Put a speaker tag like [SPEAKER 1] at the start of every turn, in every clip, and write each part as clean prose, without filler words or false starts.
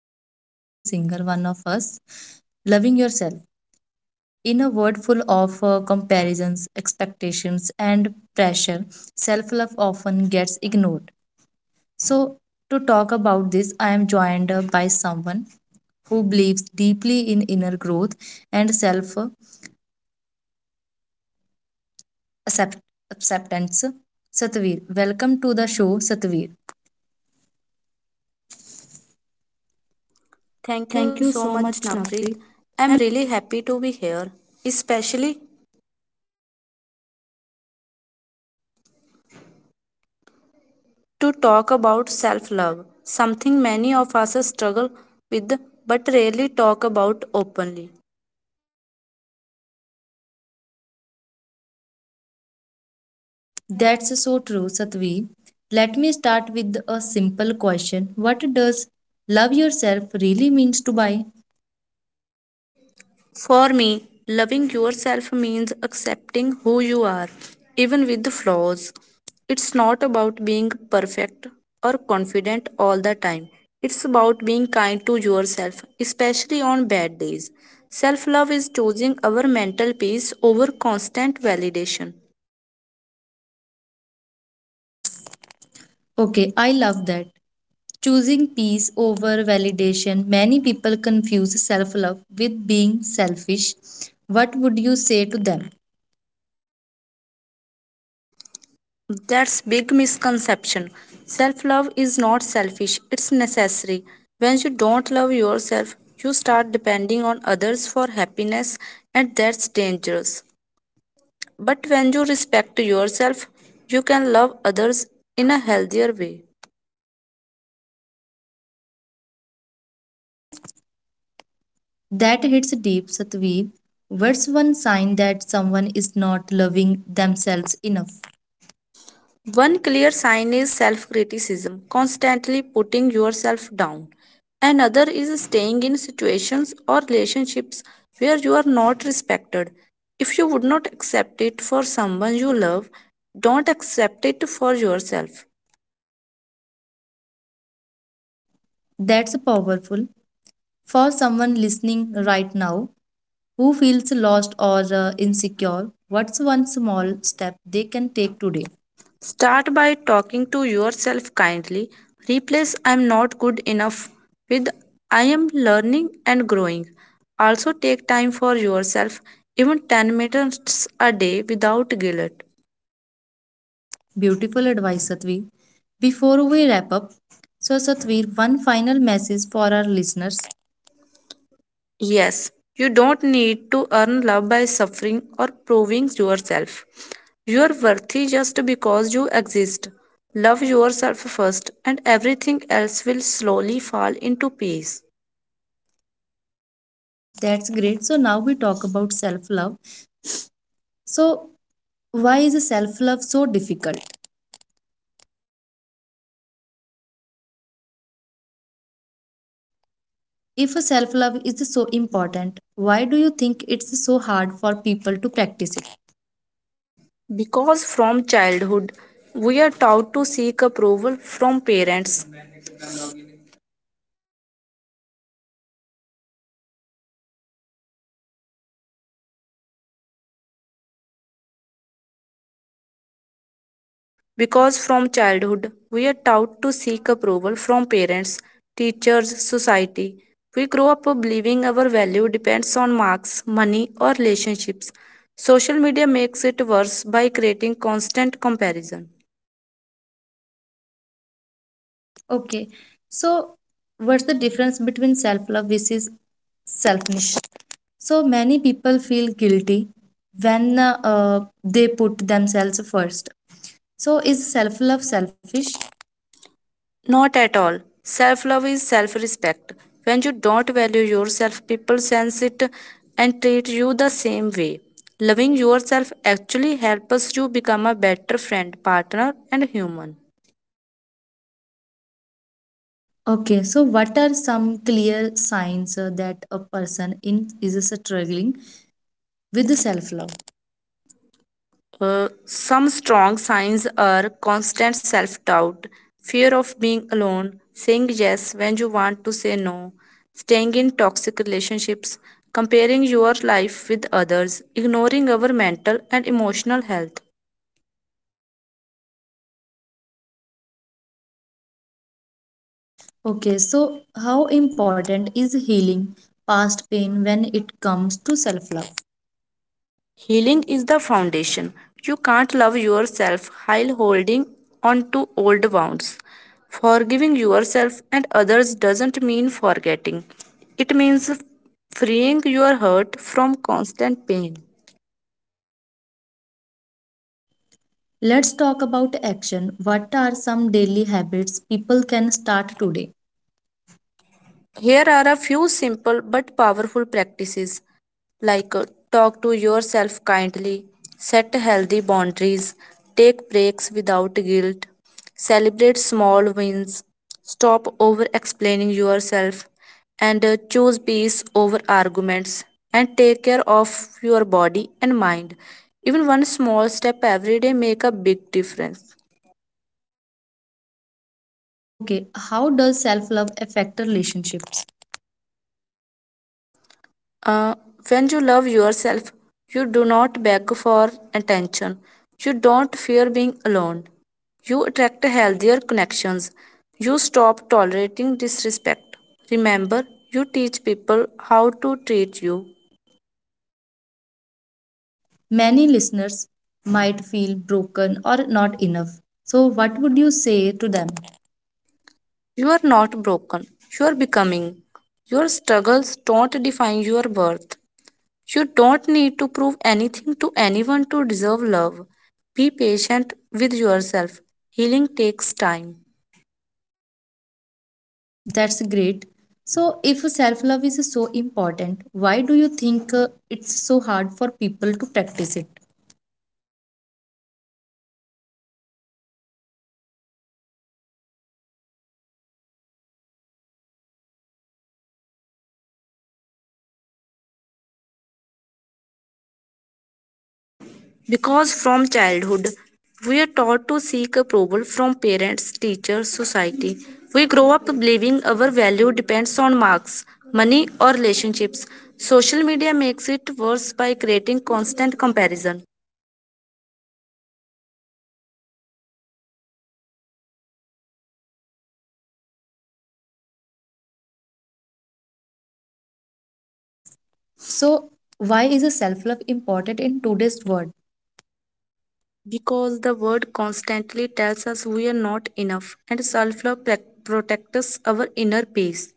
[SPEAKER 1] that affects every single one of us, loving yourself. In a world full of comparisons, expectations, and pressure, self love often gets ignored. So, to talk about this, I am joined by someone who believes deeply in inner growth and accept, acceptance. Satveer, welcome to the show, Satveer.
[SPEAKER 2] Thank
[SPEAKER 1] Thank
[SPEAKER 2] you
[SPEAKER 1] you
[SPEAKER 2] so
[SPEAKER 1] so
[SPEAKER 2] much,
[SPEAKER 1] much,
[SPEAKER 2] Naprit.
[SPEAKER 1] Navpreet.
[SPEAKER 2] I'm really happy to be here, especially to talk about self love, something many of us struggle with but rarely talk about openly.
[SPEAKER 1] That's so true, Satveer. Let me start with a simple question. What does love yourself really means to buy?
[SPEAKER 2] For me, loving yourself means accepting who you are, even with flaws. It's not about being perfect or confident all the time. It's about being kind to yourself, especially on bad days. Self love is choosing our mental peace over constant validation.
[SPEAKER 1] Okay, I love that. Choosing peace over validation. Many people confuse self love with being selfish. What would you say to them?
[SPEAKER 2] That's big misconception. Self-love is not selfish, it's necessary. When you don't love yourself, you start depending on others for happiness and that's dangerous. But when you respect yourself, you can love others in a healthier way.
[SPEAKER 1] That hits deep, Satveer. What's one sign that someone is not loving themselves enough?
[SPEAKER 2] One clear sign is self criticism, constantly putting yourself down. Another is staying in situations or relationships where you are not respected. If you would not accept it for someone you love, don't accept it for yourself.
[SPEAKER 1] That's powerful for someone listening right now who feels lost or insecure. What's one small step they can take today?
[SPEAKER 2] Start by talking to yourself kindly. Replace I am not good enough with I am learning and growing. Also, take time for yourself, even 10 minutes a day without guilt.
[SPEAKER 1] Beautiful advice, Satvi. Before we wrap up, so Satveer, one final message for our listeners.
[SPEAKER 2] Yes, you don't need to earn love by suffering or proving yourself. You are worthy just because you exist. Love yourself first, and everything else will slowly fall into peace.
[SPEAKER 1] That's great. So now we talk about self love. So why is self love so difficult? If self love is so important, why do you think it's so hard for people to practice it?
[SPEAKER 2] Because from childhood, we are taught to seek approval from parents, Because from childhood, we are taught to seek approval from parents, teachers, society. We grow up believing our value depends on marks, money, or relationships. Social media makes it worse by creating constant comparison.
[SPEAKER 1] Okay, so what's the difference between self love versus selfishness? So many people feel guilty when they put themselves first. So is self love selfish?
[SPEAKER 2] Not at all. Self love is self respect. When you don't value yourself, people sense it and treat you the same way. Loving yourself actually helps you become a better friend, partner, and human.
[SPEAKER 1] Okay, so what are some clear signs that a person in is struggling with self love?
[SPEAKER 2] Some strong signs are constant self doubt, fear of being alone, saying yes when you want to say no, staying in toxic relationships, comparing your life with others, ignoring our mental and emotional health.
[SPEAKER 1] Okay, so how important is healing past pain when it comes to self love?
[SPEAKER 2] Healing is the foundation. You can't love yourself while holding on to old wounds. Forgiving yourself and others doesn't mean forgetting, it means freeing your heart from constant pain.
[SPEAKER 1] Let's talk about action. What are some daily habits people can start today?
[SPEAKER 2] Here are a few simple but powerful practices like talk to yourself kindly, set healthy boundaries, take breaks without guilt, celebrate small wins, stop over explaining yourself, and choose peace over arguments, and take care of your body and mind. Even one small step every day make a big difference.
[SPEAKER 1] Okay, how does self love affect relationships?
[SPEAKER 2] Uh, when you love yourself, you do not beg for attention. You don't fear being alone. You attract healthier connections. You stop tolerating disrespect. Remember, you teach people how to treat you.
[SPEAKER 1] Many listeners might feel broken or not enough. So, what would you say to them?
[SPEAKER 2] You are not broken. You are becoming. Your struggles don't define your worth. You don't need to prove anything to anyone to deserve love. Be patient with yourself. Healing takes time.
[SPEAKER 1] That's great. So, if self love is so important, why do you think it's so hard for people to practice it?
[SPEAKER 2] Because from childhood, we are taught to seek approval from parents, teachers, society. We grow up believing our value depends on marks, money, or relationships. Social media makes it worse by creating constant comparison.
[SPEAKER 1] So, why is self love important in today's world?
[SPEAKER 2] Because the world constantly tells us we are not enough, and self love protects our inner peace.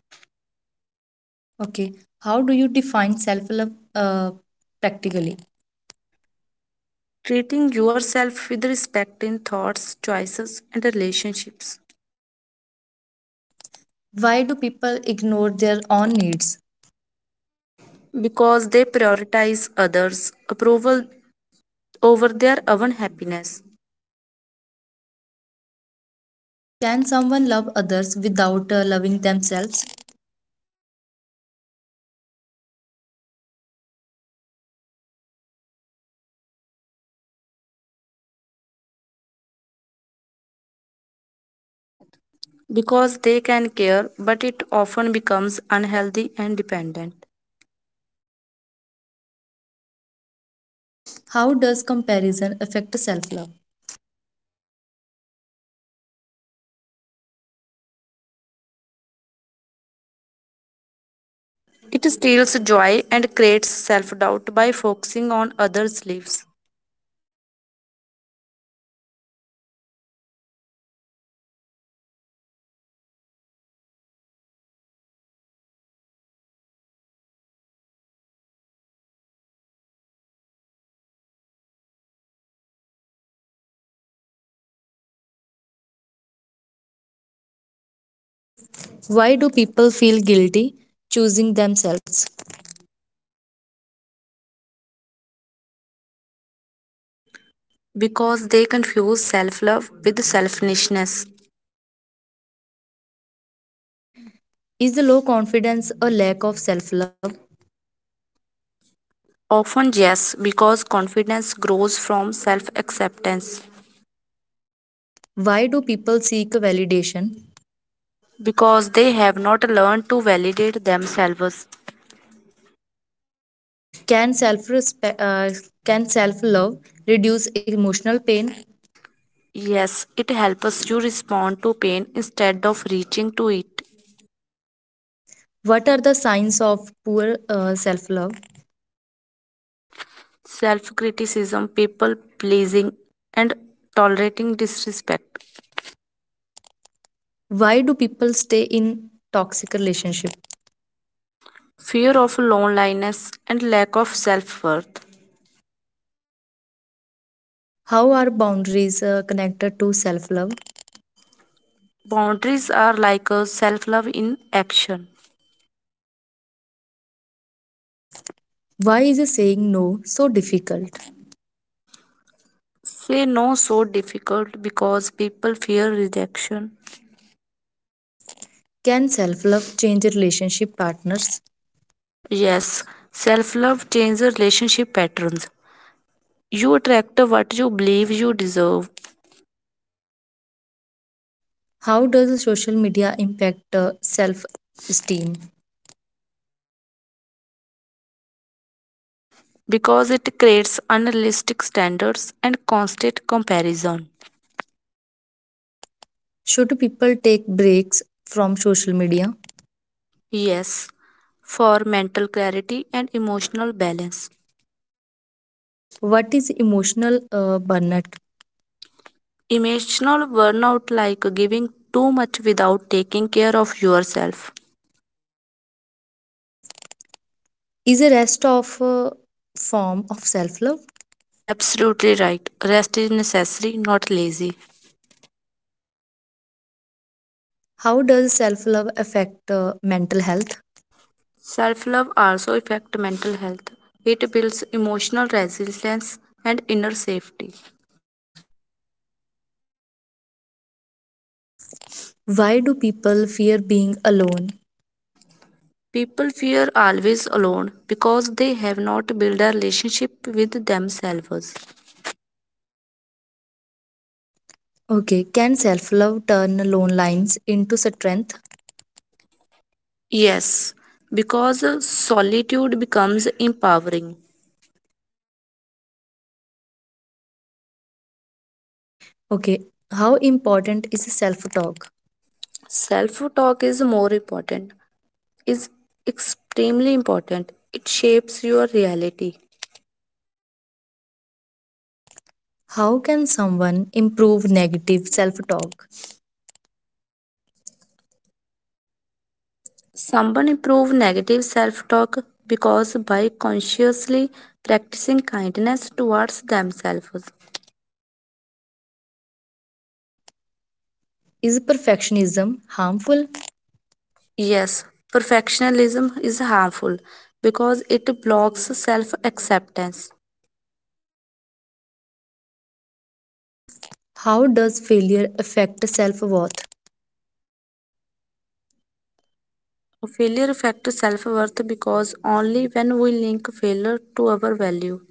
[SPEAKER 1] Okay, how do you define self love practically?
[SPEAKER 2] Treating yourself with respect in thoughts, choices, and relationships.
[SPEAKER 1] Why do people ignore their own needs?
[SPEAKER 2] Because they prioritize others approval over their own happiness.
[SPEAKER 1] Can someone love others without loving themselves?
[SPEAKER 2] Because they can care, but it often becomes unhealthy and dependent.
[SPEAKER 1] How does comparison affect self love?
[SPEAKER 2] It steals joy and creates self doubt by focusing on others' lives.
[SPEAKER 1] Why do people feel guilty choosing themselves?
[SPEAKER 2] Because they confuse self love with selfishness.
[SPEAKER 1] Is the low confidence a lack of self love?
[SPEAKER 2] Often, yes, because confidence grows from self acceptance.
[SPEAKER 1] Why do people seek validation?
[SPEAKER 2] Because they have not learned to validate themselves.
[SPEAKER 1] Can self respect uh, can self love reduce emotional pain?
[SPEAKER 2] Yes, it helps you respond to pain instead of reaching to it.
[SPEAKER 1] What are the signs of poor self love?
[SPEAKER 2] Self criticism, people pleasing, and tolerating disrespect,
[SPEAKER 1] Why do people stay in toxic relationship?
[SPEAKER 2] fear of loneliness, and lack of self worth.
[SPEAKER 1] How are boundaries connected to self love?
[SPEAKER 2] Boundaries are like a self love in action.
[SPEAKER 1] Why is saying no so difficult?
[SPEAKER 2] Say no so difficult because people fear rejection.
[SPEAKER 1] Can self love change relationship partners?
[SPEAKER 2] Yes, self love changes relationship patterns. You attract what you believe you deserve.
[SPEAKER 1] How does social media impact self esteem?
[SPEAKER 2] Because it creates unrealistic standards and constant comparison.
[SPEAKER 1] Should people take breaks from social media?
[SPEAKER 2] Yes, for mental clarity and emotional balance.
[SPEAKER 1] What is emotional burnout?
[SPEAKER 2] Emotional burnout like giving too much without taking care of yourself.
[SPEAKER 1] Is a rest of form of self love?
[SPEAKER 2] Absolutely right. Rest is necessary, not lazy.
[SPEAKER 1] How does self love affect mental health?
[SPEAKER 2] Self-love also affects mental health. It builds emotional resilience and inner safety.
[SPEAKER 1] Why do people fear being alone?
[SPEAKER 2] People fear always alone because they have not built a relationship with themselves.
[SPEAKER 1] Okay, can self love turn lone lines into strength?
[SPEAKER 2] Yes, because solitude becomes empowering.
[SPEAKER 1] Okay, how important is self talk?
[SPEAKER 2] Self talk is more important, is extremely important. It shapes your reality.
[SPEAKER 1] How can someone improve negative self talk?
[SPEAKER 2] Someone improve negative self talk because by consciously practicing kindness towards themselves.
[SPEAKER 1] Is perfectionism harmful?
[SPEAKER 2] Yes, perfectionism is harmful because it blocks self acceptance.
[SPEAKER 1] How does failure affect self worth?
[SPEAKER 2] Failure affects self worth because only when we link failure to our value.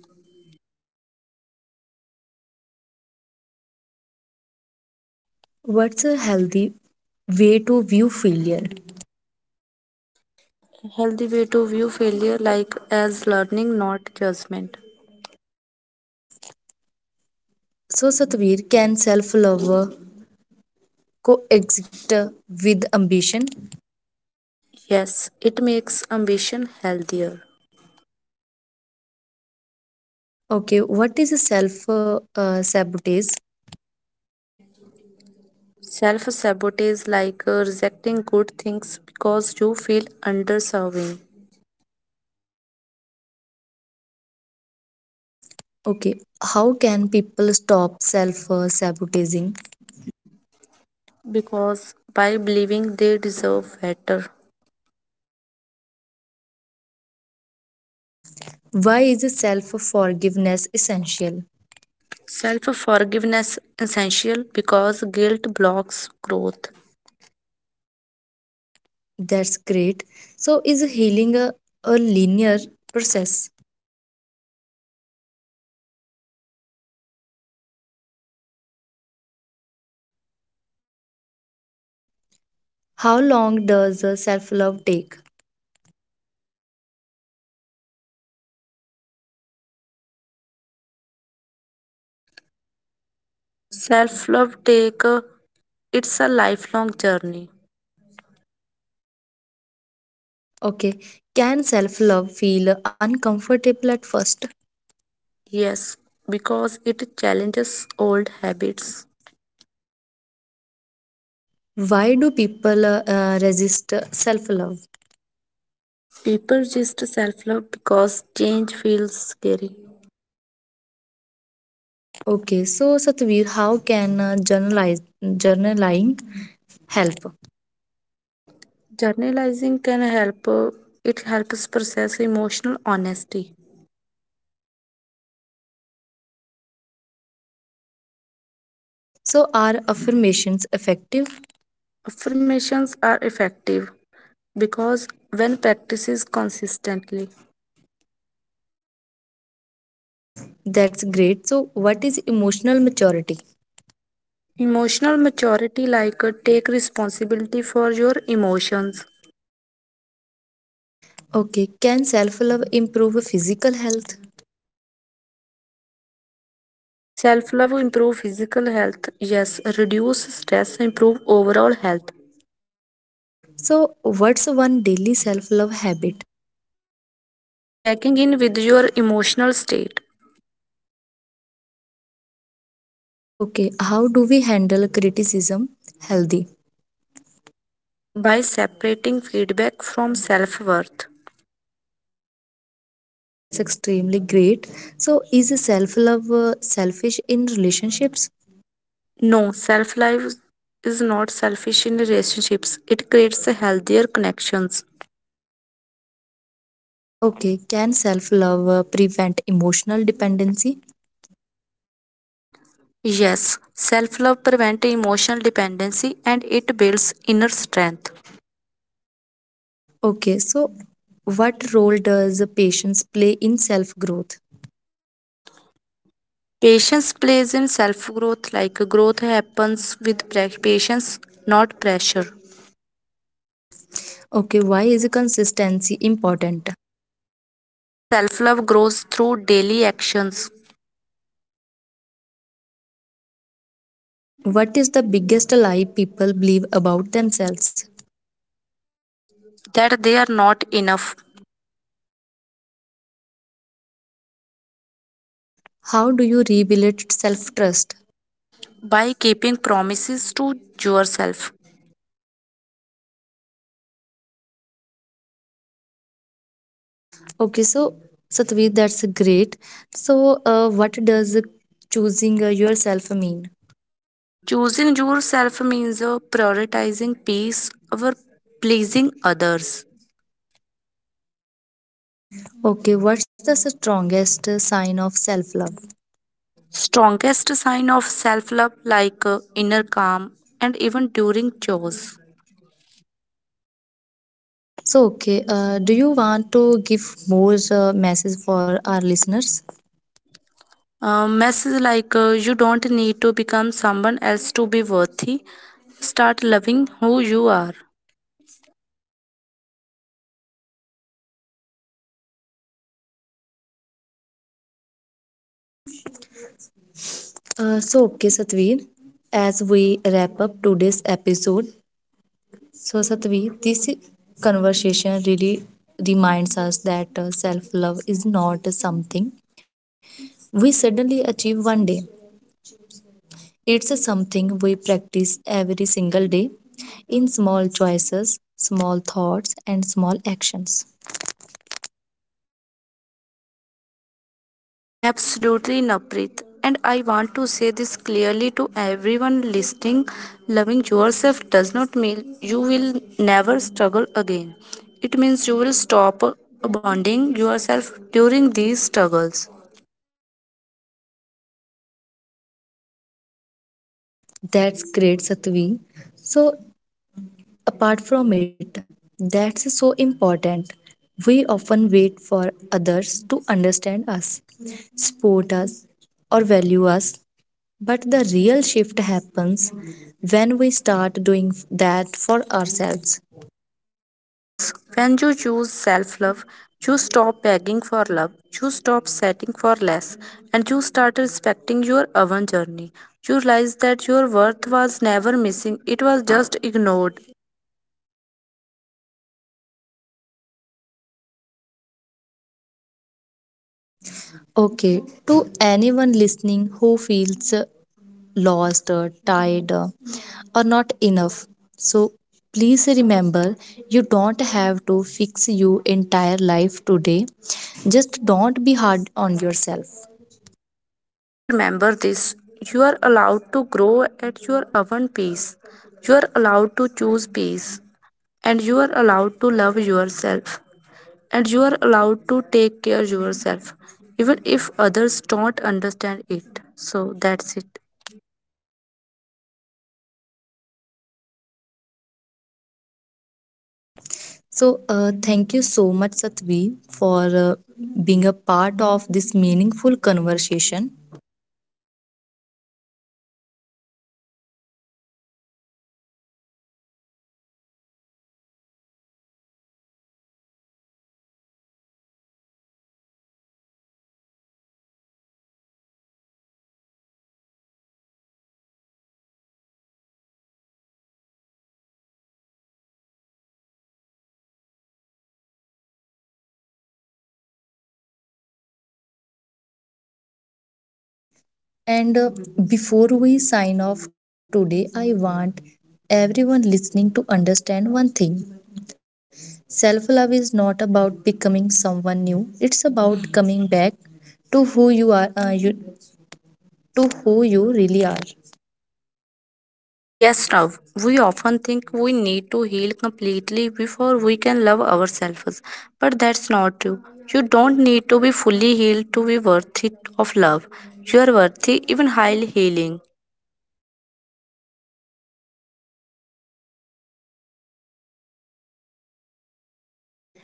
[SPEAKER 1] What's a healthy way to view failure?
[SPEAKER 2] Healthy way to view failure like as learning, not judgment.
[SPEAKER 1] So, Satvir, can self love coexist with ambition?
[SPEAKER 2] Yes, it makes ambition healthier.
[SPEAKER 1] Okay, what is self sabotage?
[SPEAKER 2] Self sabotage like rejecting good things because you feel underserving,
[SPEAKER 1] Okay, how can people stop self sabotaging?
[SPEAKER 2] because by believing they deserve better.
[SPEAKER 1] Why is self forgiveness essential?
[SPEAKER 2] Self forgiveness essential because guilt blocks growth.
[SPEAKER 1] That's great. So, is healing a linear process?
[SPEAKER 2] No, healing has ups and downs.
[SPEAKER 1] How long does self love take?
[SPEAKER 2] Self love take it's a lifelong journey.
[SPEAKER 1] Okay, can self love feel uncomfortable at first?
[SPEAKER 2] Yes, because it challenges old habits.
[SPEAKER 1] Why do people resist self love?
[SPEAKER 2] People just self love because change feels scary.
[SPEAKER 1] Okay, so Satveer, how can journaling help?
[SPEAKER 2] Journalizing can help, it helps process emotional honesty.
[SPEAKER 1] So, are affirmations effective?
[SPEAKER 2] Affirmations are effective because when practices consistently,
[SPEAKER 1] That's great. So, what is emotional maturity?
[SPEAKER 2] emotional maturity like take responsibility for your emotions.
[SPEAKER 1] Okay, can self love improve physical health?
[SPEAKER 2] Self love improve physical health, yes, reduce stress, improve overall health.
[SPEAKER 1] So, what's one daily self love habit?
[SPEAKER 2] Checking in with your emotional state
[SPEAKER 1] Okay, how do we handle criticism healthy?
[SPEAKER 2] by separating feedback from self worth.
[SPEAKER 1] That's extremely great. So, is self love selfish in relationships?
[SPEAKER 2] No, self love is not selfish in relationships. It creates healthier connections.
[SPEAKER 1] Okay, can self love prevent emotional dependency?
[SPEAKER 2] Yes, self love prevents emotional dependency and it builds inner strength.
[SPEAKER 1] Okay, so what role does patience play in self growth?
[SPEAKER 2] Patience plays in self growth, like growth happens with patience, not pressure.
[SPEAKER 1] Okay, why is consistency important?
[SPEAKER 2] Because self love grows through daily actions
[SPEAKER 1] What is the biggest lie people believe about themselves?
[SPEAKER 2] that they are not enough
[SPEAKER 1] How do you rebuild self trust?
[SPEAKER 2] by keeping promises to yourself.
[SPEAKER 1] Okay, so Satvi, that's great. So, what does choosing yourself mean?
[SPEAKER 2] Choosing yourself means prioritizing peace over pleasing others.
[SPEAKER 1] Okay, what's the strongest sign of self love?
[SPEAKER 2] Strongest sign of self love, like inner calm, and even during chores.
[SPEAKER 1] So, do you want to give more message for our listeners?
[SPEAKER 2] Message like you don't need to become someone else to be worthy. Start loving who you are.
[SPEAKER 1] So, Satveer, as we wrap up today's episode, so, Satvi, this conversation really reminds us that self love is not something we suddenly achieve one day. It's something we practice every single day in small choices, small thoughts, and small actions.
[SPEAKER 2] Absolutely, Naprit. And I want to say this clearly to everyone listening, loving yourself does not mean you will never struggle again. It means you will stop abandoning yourself during these struggles.
[SPEAKER 1] That's great, Satvi. So, apart from it, that's so important. We often wait for others to understand us, support us, or value us. But the real shift happens when we start doing that for ourselves.
[SPEAKER 2] Yes, when you choose self love, you stop begging for love, you stop setting for less, and you start respecting your own journey. You realize that your worth was never missing, it was just ignored.
[SPEAKER 1] Okay, to anyone listening who feels lost, or tired, or not enough, so please remember you don't have to fix your entire life today. Just don't be hard on yourself.
[SPEAKER 2] And remember this, you are allowed to grow at your own pace. You are allowed to choose peace. And you are allowed to love yourself. And you are allowed to take care yourself, even if others don't understand it. So that's it.
[SPEAKER 1] So, thank you so much, Satvi, for uh, being a part of this meaningful conversation. And before we sign off today, I want everyone listening to understand one thing: self love is not about becoming someone new, it's about coming back to who you are, you, to who you really are.
[SPEAKER 2] Yes, Rav, we often think we need to heal completely before we can love ourselves, but that's not true. You don't need to be fully healed to be worthy of love. You are worthy even while healing.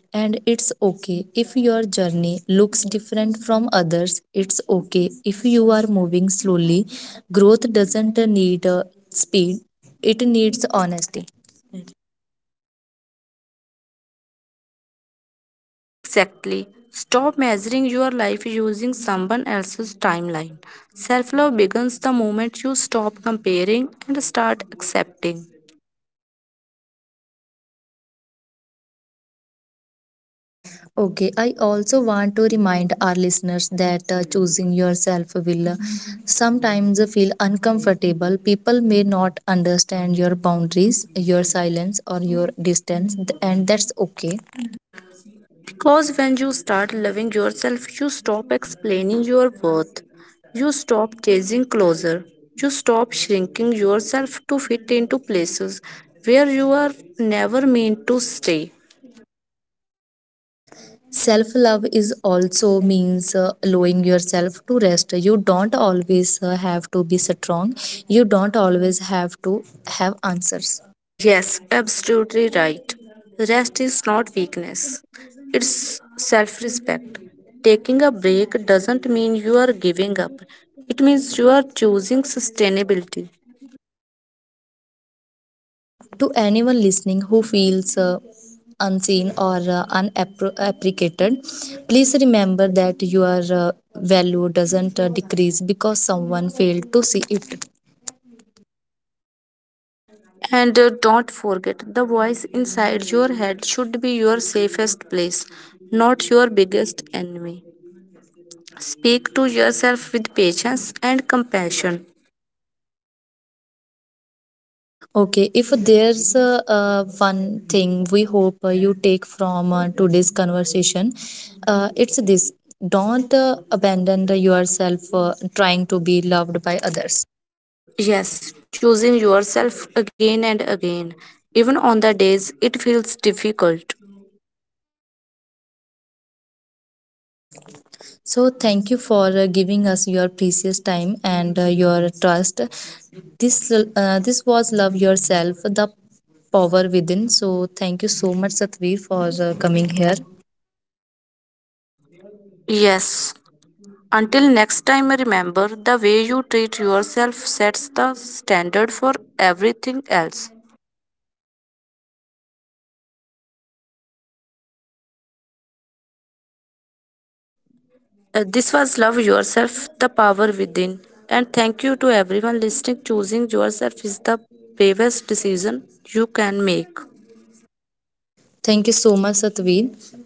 [SPEAKER 1] And it's okay if your journey looks different from others. It's okay if you are moving slowly. Growth doesn't need speed, it needs honesty.
[SPEAKER 2] Exactly. Stop measuring your life using someone else's timeline. Self love begins the moment you stop comparing and start accepting.
[SPEAKER 1] Okay, I also want to remind our listeners that choosing yourself will sometimes feel uncomfortable. People may not understand your boundaries, your silence, or your distance, and that's okay.
[SPEAKER 2] Because when you start loving yourself, you stop explaining your worth. You stop chasing closer. You stop shrinking yourself to fit into places where you are never meant to stay.
[SPEAKER 1] Self love is also means allowing yourself to rest. You don't always have to be strong. You don't always have to have answers.
[SPEAKER 2] Yes, absolutely right. Rest is not weakness, it's self respect. Taking a break doesn't mean you are giving up, it means you are choosing sustainability.
[SPEAKER 1] To anyone listening who feels unseen or unappreciated, please remember that your value doesn't decrease because someone failed to see it.
[SPEAKER 2] And don't forget, the voice inside your head should be your safest place, not your biggest enemy. Speak to yourself with patience and compassion.
[SPEAKER 1] Okay, if there's one thing we hope you take from today's conversation, it's this: don't abandon yourself trying to be loved by others.
[SPEAKER 2] Yes, choosing yourself again and again, even on the days it feels difficult.
[SPEAKER 1] So, thank you for giving us your precious time and your trust. This was Love Yourself, the Power Within. So, thank you so much, Satveer,
[SPEAKER 2] For
[SPEAKER 1] for
[SPEAKER 2] Coming
[SPEAKER 1] coming
[SPEAKER 2] here.
[SPEAKER 1] here.
[SPEAKER 2] Yes. Until next time, remember the way you treat yourself sets the standard for everything else. This was Love Yourself, the Power Within. And thank you to everyone listening. Choosing yourself is the bravest decision you can make.
[SPEAKER 1] Thank you so much, Satveer.